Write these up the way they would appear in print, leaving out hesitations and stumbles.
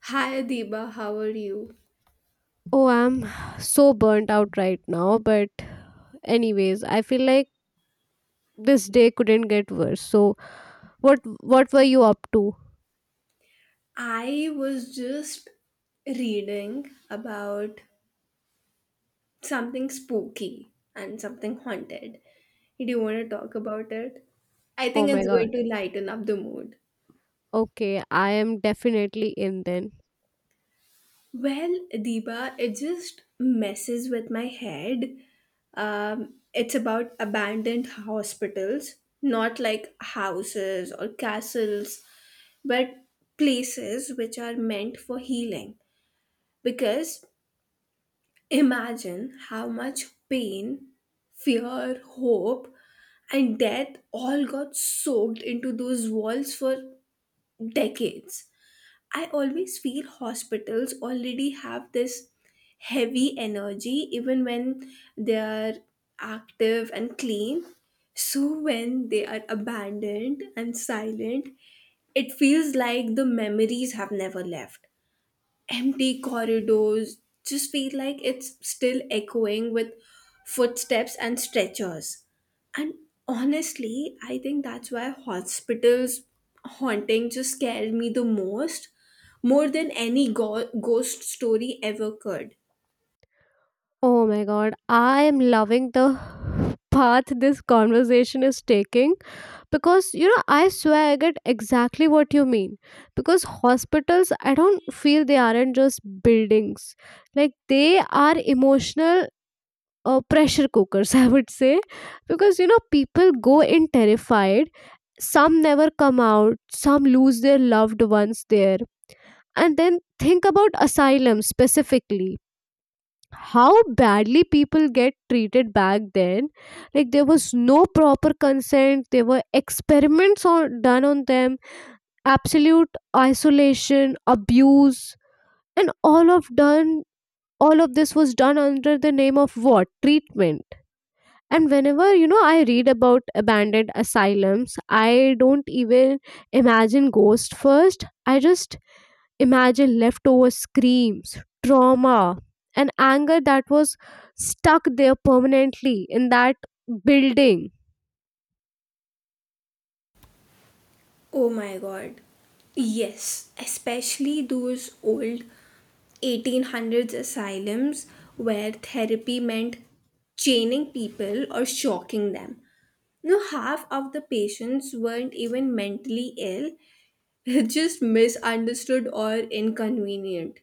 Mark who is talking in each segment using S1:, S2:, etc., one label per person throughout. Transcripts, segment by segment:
S1: Hi Adiba, how are you?
S2: Oh, I'm so burnt out right now, but anyways, I feel like this day couldn't get worse. So, what were you up to?
S1: I was just reading about something spooky and something haunted. Do you want to talk about it? I
S2: Oh
S1: think
S2: my
S1: it's
S2: god.
S1: going to lighten up the mood.
S2: Okay, I am definitely in then.
S1: Well, Adiba, it just messes with my head. It's about abandoned hospitals, not like houses or castles, but places which are meant for healing. Because imagine how much pain, fear, hope, and death all got soaked into those walls for decades. I always feel hospitals already have this heavy energy, even when they are active and clean. So, when they are abandoned and silent, it feels like the memories have never left empty corridors just feel like it's still echoing with footsteps and stretchers. And honestly, I think that's why hospitals haunting just scared me the most, more than any ghost story ever could.
S2: Oh my god, I am loving the path this conversation is taking because you know, I swear I get exactly what you mean. Because hospitals, I don't feel they aren't just buildings. Like they are emotional pressure cookers, I would say, because you know, people go in terrified. Some never come out, some lose their loved ones there. And then think about asylum specifically. How badly people get treated back then. Like, there was no proper consent, there were experiments on, done on them, absolute isolation, abuse, and all of done. All of this was done under the name of what? Treatment. And whenever you know I read about abandoned asylums, I don't even imagine ghosts first. I just imagine leftover screams, trauma, and anger that was stuck there permanently in that building.
S1: Oh my god. Yes, especially those old 1800s asylums where therapy meant chaining people or shocking them. No, half of the patients weren't even mentally ill, just misunderstood or inconvenient.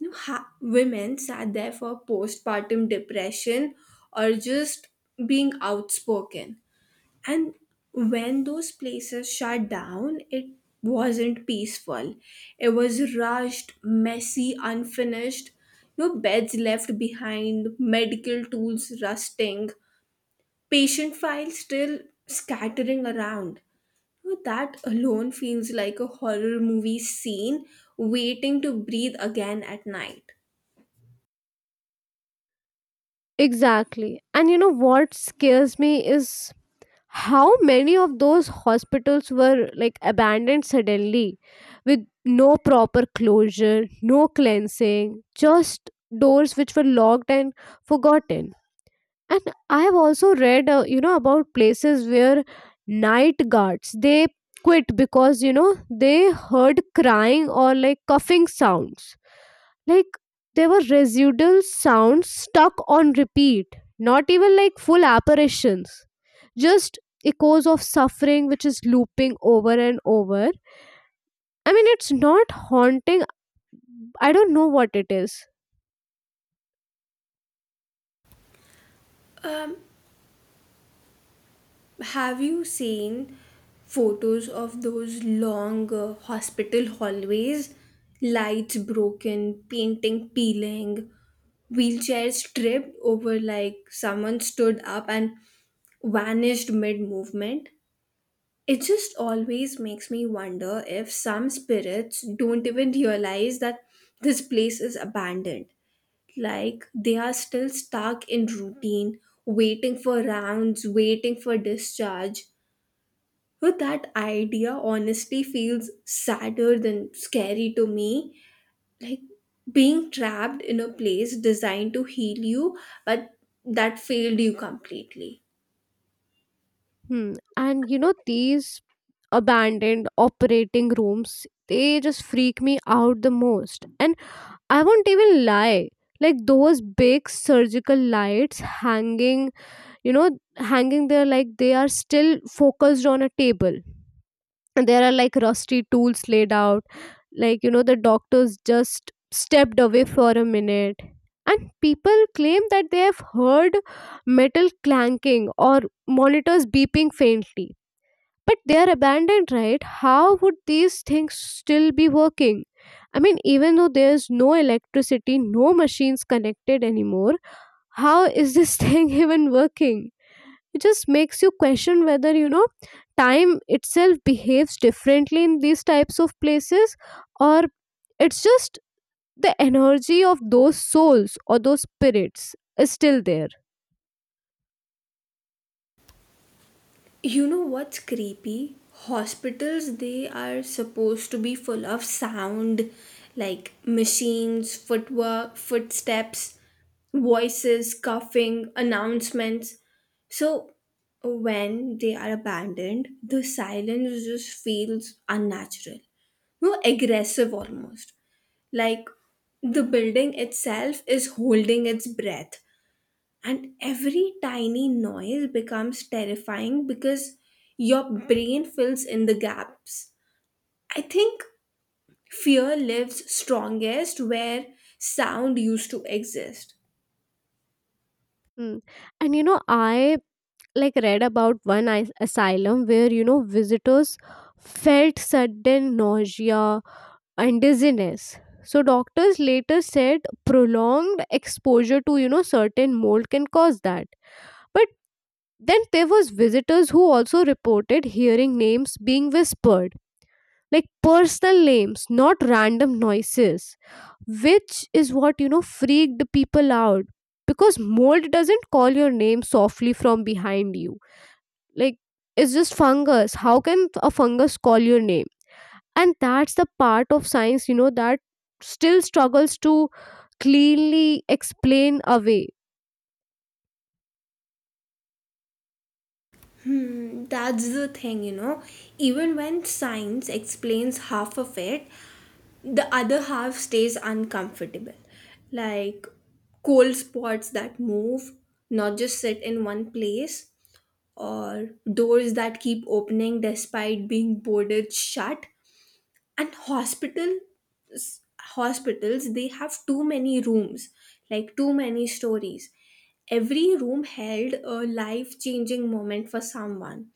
S1: No, women sat there for postpartum depression or just being outspoken. And when those places shut down, it wasn't peaceful. It was rushed, messy, unfinished. No beds left behind, medical tools rusting, patient files still scattering around. Now, that alone feels like a horror movie scene waiting to breathe again at night.
S2: Exactly, and you know what scares me is how many of those hospitals were like abandoned suddenly with no proper closure, no cleansing, just doors which were locked and forgotten. And I have also read you know, about places where night guards they quit because you know, they heard crying or like coughing sounds. Like there were residual sounds stuck on repeat, not even like full apparitions, just echoes of suffering which is looping over and over. I mean, it's not haunting. I don't know what it is.
S1: Um, have you seen photos of those long hospital hallways? Lights broken, painting peeling, wheelchairs tripped over like someone stood up and vanished mid movement. It just always makes me wonder if some spirits don't even realize that this place is abandoned. Like they are still stuck in routine, waiting for rounds, waiting for discharge. But that idea honestly feels sadder than scary to me. Like being trapped in a place designed to heal you, but that failed you completely.
S2: Hmm. And you know, these abandoned operating rooms they just freak me out the most, and I won't even lie. Like those big surgical lights hanging, you know, hanging there like they are still focused on a table, and there are like rusty tools laid out, like you know, the doctors just stepped away for a minute. And people claim that they have heard metal clanking or monitors beeping faintly, but they are abandoned, right? How would these things still be working? I mean, even though there's no electricity, no machines connected anymore, how is this thing even working? It just makes you question whether you know, time itself behaves differently in these types of places, or it's just the energy of those souls or those spirits is still there.
S1: You know what's creepy? Hospitals, they are supposed to be full of sound, like machines, footwork, footsteps, voices, coughing, announcements. So when they are abandoned, the silence just feels unnatural, no aggressive almost. Like the building itself is holding its breath and every tiny noise becomes terrifying because your brain fills in the gaps. I think fear lives strongest where sound used to exist.
S2: Hmm. And you know, I like read about one is- asylum where you know, visitors felt sudden nausea and dizziness, so doctors later said prolonged exposure to you know, certain mold can cause that. But then there was visitors who also reported hearing names being whispered, like personal names, not random noises, which is what you know, freaked the people out, because mold doesn't call your name softly from behind you. Like, it's just fungus. How can a fungus call your name? And that's the part of science you know, that still struggles to cleanly explain away.
S1: Hmm, that's the thing, you know. Even when science explains half of it, the other half stays uncomfortable. Like cold spots that move, not just sit in one place, or doors that keep opening despite being boarded shut and hospitals. Hospitals, they have too many rooms, like too many stories. Every room held a life changing moment for someone,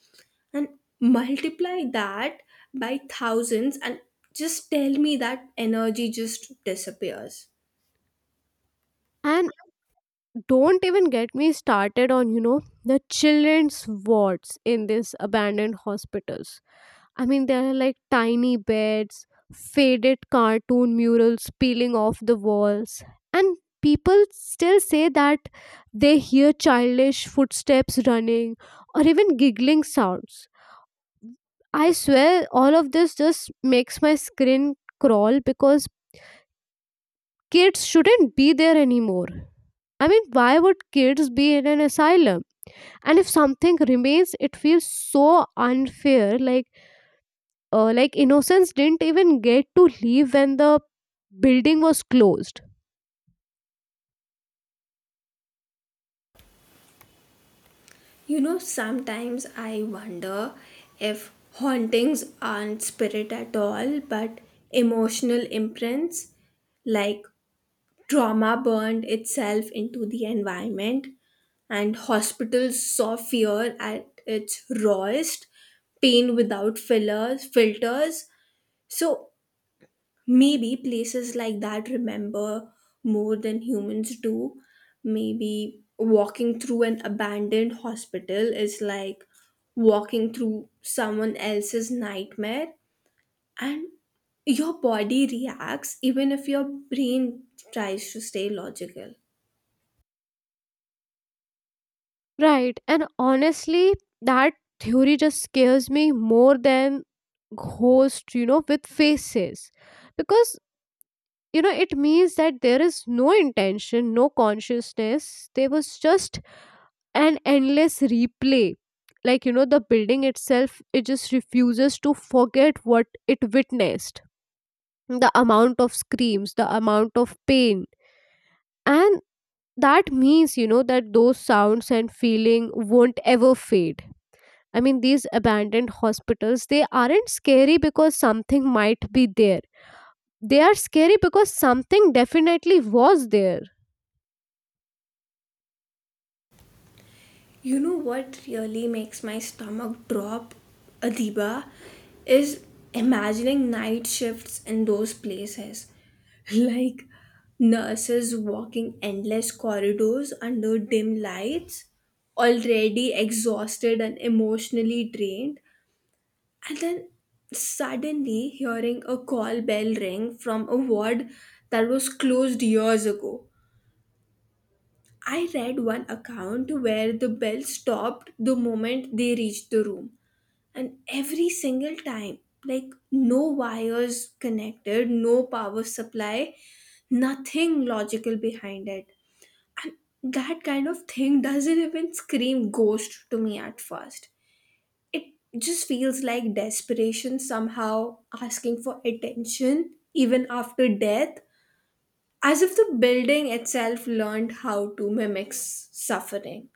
S1: and multiply that by thousands, and just tell me that energy just disappears.
S2: And don't even get me started on you know, the children's wards in these abandoned hospitals. I mean, there are like tiny beds, faded cartoon murals peeling off the walls, and people still say that they hear childish footsteps running or even giggling sounds. I swear, all of this just makes my skin crawl because kids shouldn't be there anymore. I mean, why would kids be in an asylum? And if something remains, it feels so unfair. Like innocents didn't even get to leave when the building was closed.
S1: You know, sometimes I wonder if hauntings aren't spirit at all, but emotional imprints, like trauma burned itself into the environment, and hospitals saw fear at its rawest, pain without fillers, filters. So maybe places like that remember more than humans do. Maybe walking through an abandoned hospital is like walking through someone else's nightmare, and your body reacts even if your brain tries to stay logical.
S2: Right, and honestly, that theory just scares me more than ghosts you know, with faces, because you know, it means that there is no intention, no consciousness, there was just an endless replay. Like you know, the building itself it just refuses to forget what it witnessed, the amount of screams, the amount of pain. And that means you know, that those sounds and feeling won't ever fade. I mean, these abandoned hospitals they aren't scary because something might be there. They are scary because something definitely was there.
S1: You know what really makes my stomach drop, Adiba, is imagining night shifts in those places. Like nurses walking endless corridors under dim lights, already exhausted and emotionally drained, and then suddenly hearing a call bell ring from a ward that was closed years ago. I read one account where the bell stopped the moment they reached the room, and every single time, like no wires connected, no power supply, nothing logical behind it. And that kind of thing doesn't even scream ghost to me at first. It just feels like desperation somehow asking for attention even after death, as if the building itself learned how to mimic suffering.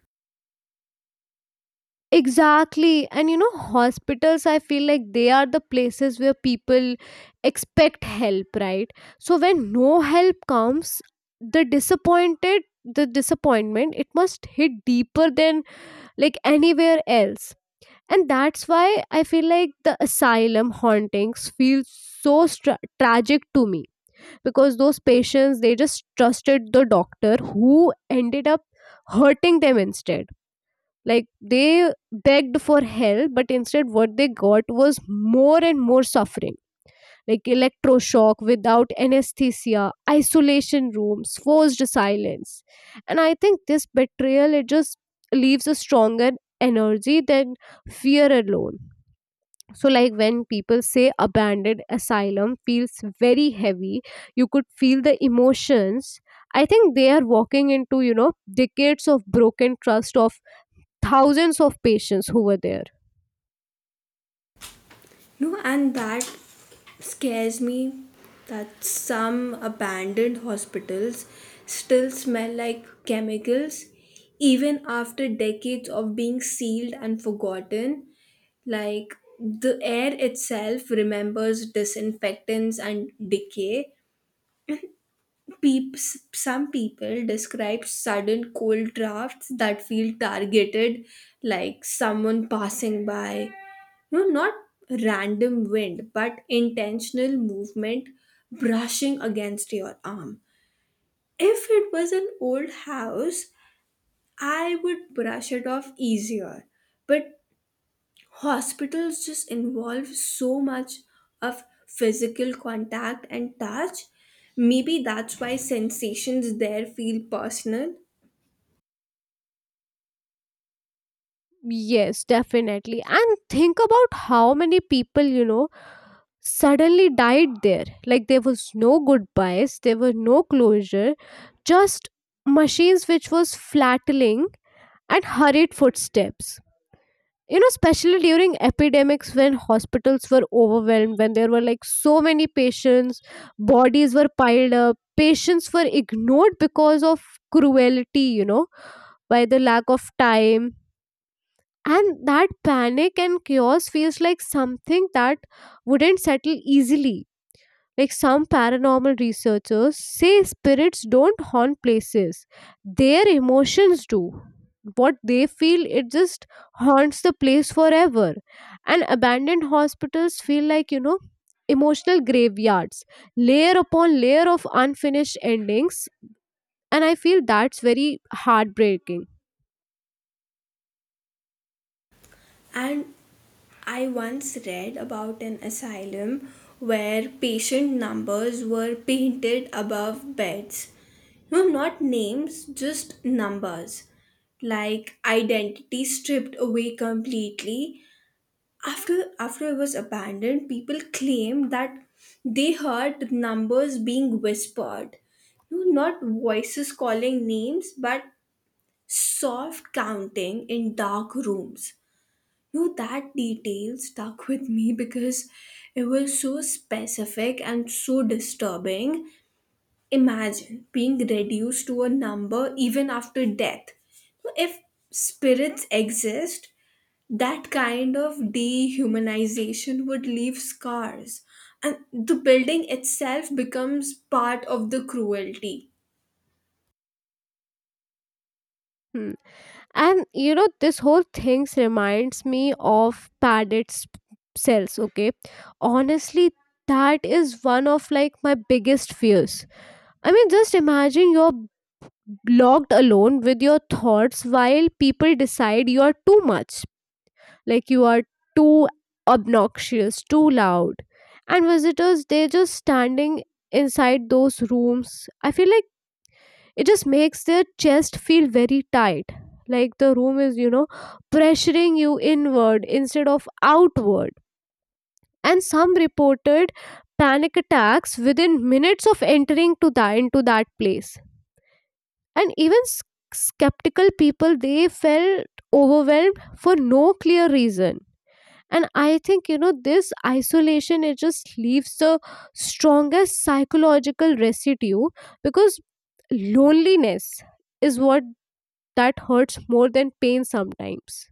S2: Exactly. And you know, hospitals, I feel like they are the places where people expect help, right? So when no help comes, the disappointed, the disappointment, it must hit deeper than like anywhere else. And that's why I feel like the asylum hauntings feel so stra- tragic to me, because those patients they just trusted the doctor who ended up hurting them instead. Like they begged for help, but instead what they got was more and more suffering. Like electroshock without anesthesia, isolation rooms, forced silence. And I think this betrayal it just leaves a stronger energy than fear alone. So, like when people say abandoned asylum feels very heavy, you could feel the emotions. I think they are walking into, you know, decades of broken trust of thousands of patients who were there.
S1: No, and that scares me that some abandoned hospitals still smell like chemicals even after decades of being sealed and forgotten. Like the air itself remembers disinfectants and decay. Peeps, some people describe sudden cold drafts that feel targeted, like someone passing by, no, not random wind, but intentional movement brushing against your arm. If it was an old house, I would brush it off easier. But hospitals just involve so much of physical contact and touch. Maybe that's why sensations there feel personal.
S2: Yes, definitely. And think about how many people, you know, suddenly died there. Like there was no goodbyes, there were no closure, just machines which was flattening and hurried footsteps. You know, especially during epidemics when hospitals were overwhelmed, when there were like so many patients, bodies were piled up, patients were ignored because of cruelty, you know, by the lack of time. And that panic and chaos feels like something that wouldn't settle easily. Like some paranormal researchers say spirits don't haunt places, their emotions do. What they feel, it just haunts the place forever. And abandoned hospitals feel like, you know, emotional graveyards, layer upon layer of unfinished endings. And I feel that's very heartbreaking.
S1: And I once read about an asylum where patient numbers were painted above beds. No, not names, just numbers. Like identity stripped away completely. After it was abandoned, people claimed that they heard numbers being whispered. No, not voices calling names, but soft counting in dark rooms. No, that detail stuck with me because it was so specific and so disturbing. Imagine being reduced to a number even after death. So, if spirits exist, that kind of dehumanization would leave scars, and the building itself becomes part of the cruelty.
S2: Hmm. And you know, this whole things reminds me of padded s- cells, okay? Honestly, that is one of like my biggest fears. I mean, just imagine you're locked alone with your thoughts while people decide you are too much. Like you are too obnoxious, too loud. And visitors, they're just standing inside those rooms. I feel like it just makes their chest feel very tight, like the room is you know, pressuring you inward instead of outward. And some reported panic attacks within minutes of entering to that into that place. And even s- skeptical people they felt overwhelmed for no clear reason. And I think you know, this isolation it just leaves the strongest psychological residue, because loneliness is what that hurts more than pain sometimes.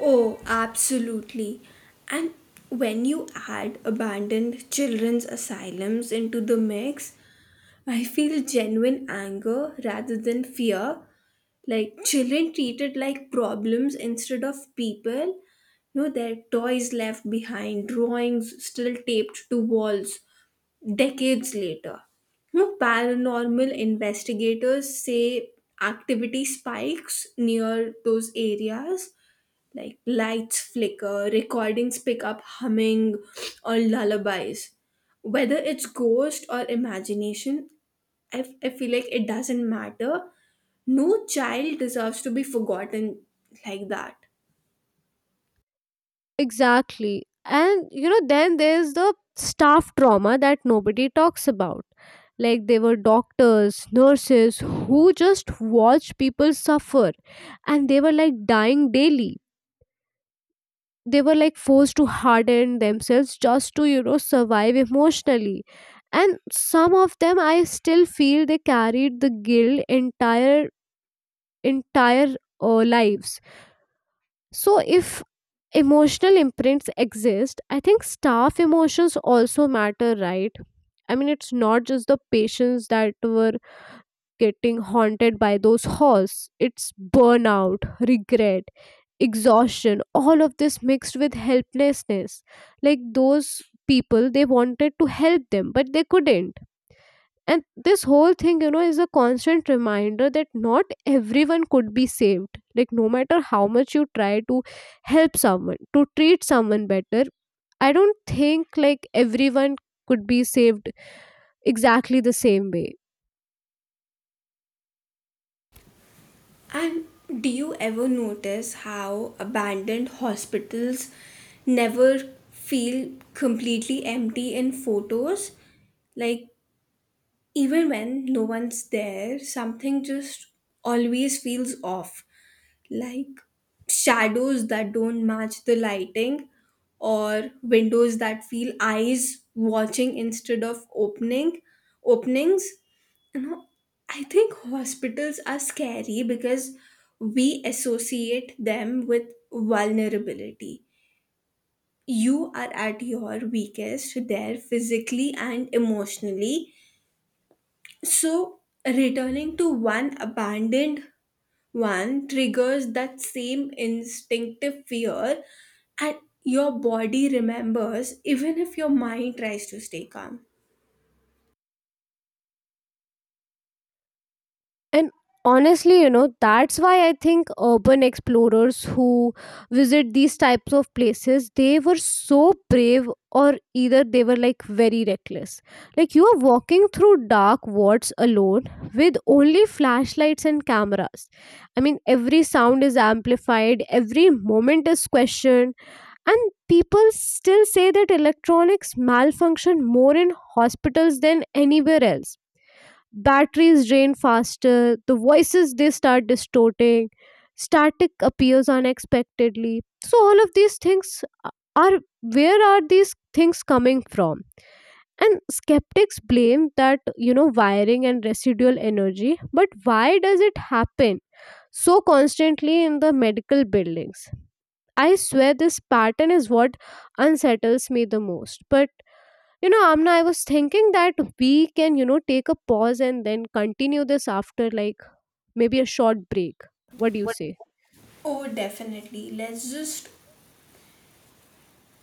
S1: Oh, absolutely. And when you add abandoned children's asylums into the mix, I feel genuine anger rather than fear. Like children treated like problems instead of people. No, their toys left behind, drawings still taped to walls decades later. No, paranormal investigators say activity spikes near those areas, like lights flicker, recordings pick up humming or lullabies. Whether it's ghost or imagination, I feel like it doesn't matter. No child deserves to be forgotten like that.
S2: Exactly. And you know, then there's the staff trauma that nobody talks about. Like they were doctors, nurses who just watched people suffer and they were like dying daily. They were like forced to harden themselves just to, you know, survive emotionally. And some of them I still feel they carried the guilt entire entire lives. So if emotional imprints exist, I think staff emotions also matter, right? I mean, it's not just the patients that were getting haunted by those halls, it's burnout, regret, exhaustion, all of this mixed with helplessness. Like those people they wanted to help them but they couldn't. And this whole thing, you know, is a constant reminder that not everyone could be saved. Like, no matter how much you try to help someone, to treat someone better, I don't think like everyone could be saved exactly the same way.
S1: And do you ever notice how abandoned hospitals never feel completely empty in photos? Like, even when no one's there, something just always feels off. Like shadows that don't match the lighting, or windows that feel eyes watching instead of openings, you know. I think hospitals are scary because we associate them with vulnerability. You are at your weakest there, physically and emotionally. So returning to one abandoned one triggers that same instinctive fear, and your body remembers even if your mind tries to stay calm.
S2: And honestly, you know, that's why I think urban explorers who visit these types of places, they were so brave, or either they were like very reckless. Like you are walking through dark wards alone with only flashlights and cameras. I mean, every sound is amplified, every moment is questioned, and people still say that electronics malfunction more in hospitals than anywhere else. Batteries drain faster, the voices they start distorting, static appears unexpectedly. So all of these things are, where are these things coming from? And skeptics blame that you know, wiring and residual energy, but why does it happen so constantly in the medical buildings? I swear this pattern is what unsettles me the most. But you know, Amna, I was thinking that we can, you know, take a pause and then continue this after like maybe a short break. What do you say?
S1: Oh, definitely. Let's just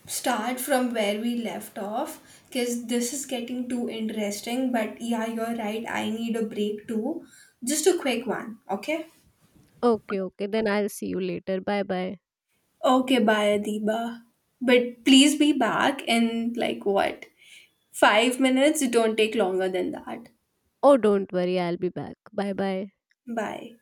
S1: start from where we left off because this is getting too interesting. But yeah, you're right. I need a break too. Just a quick one, okay?
S2: Okay, okay. Then I'll see you later. Bye bye.
S1: Okay, bye Adiba. But please be back in like what? 5 minutes? Don't take longer than that.
S2: Oh, don't worry. I'll be back. Bye bye.
S1: Bye.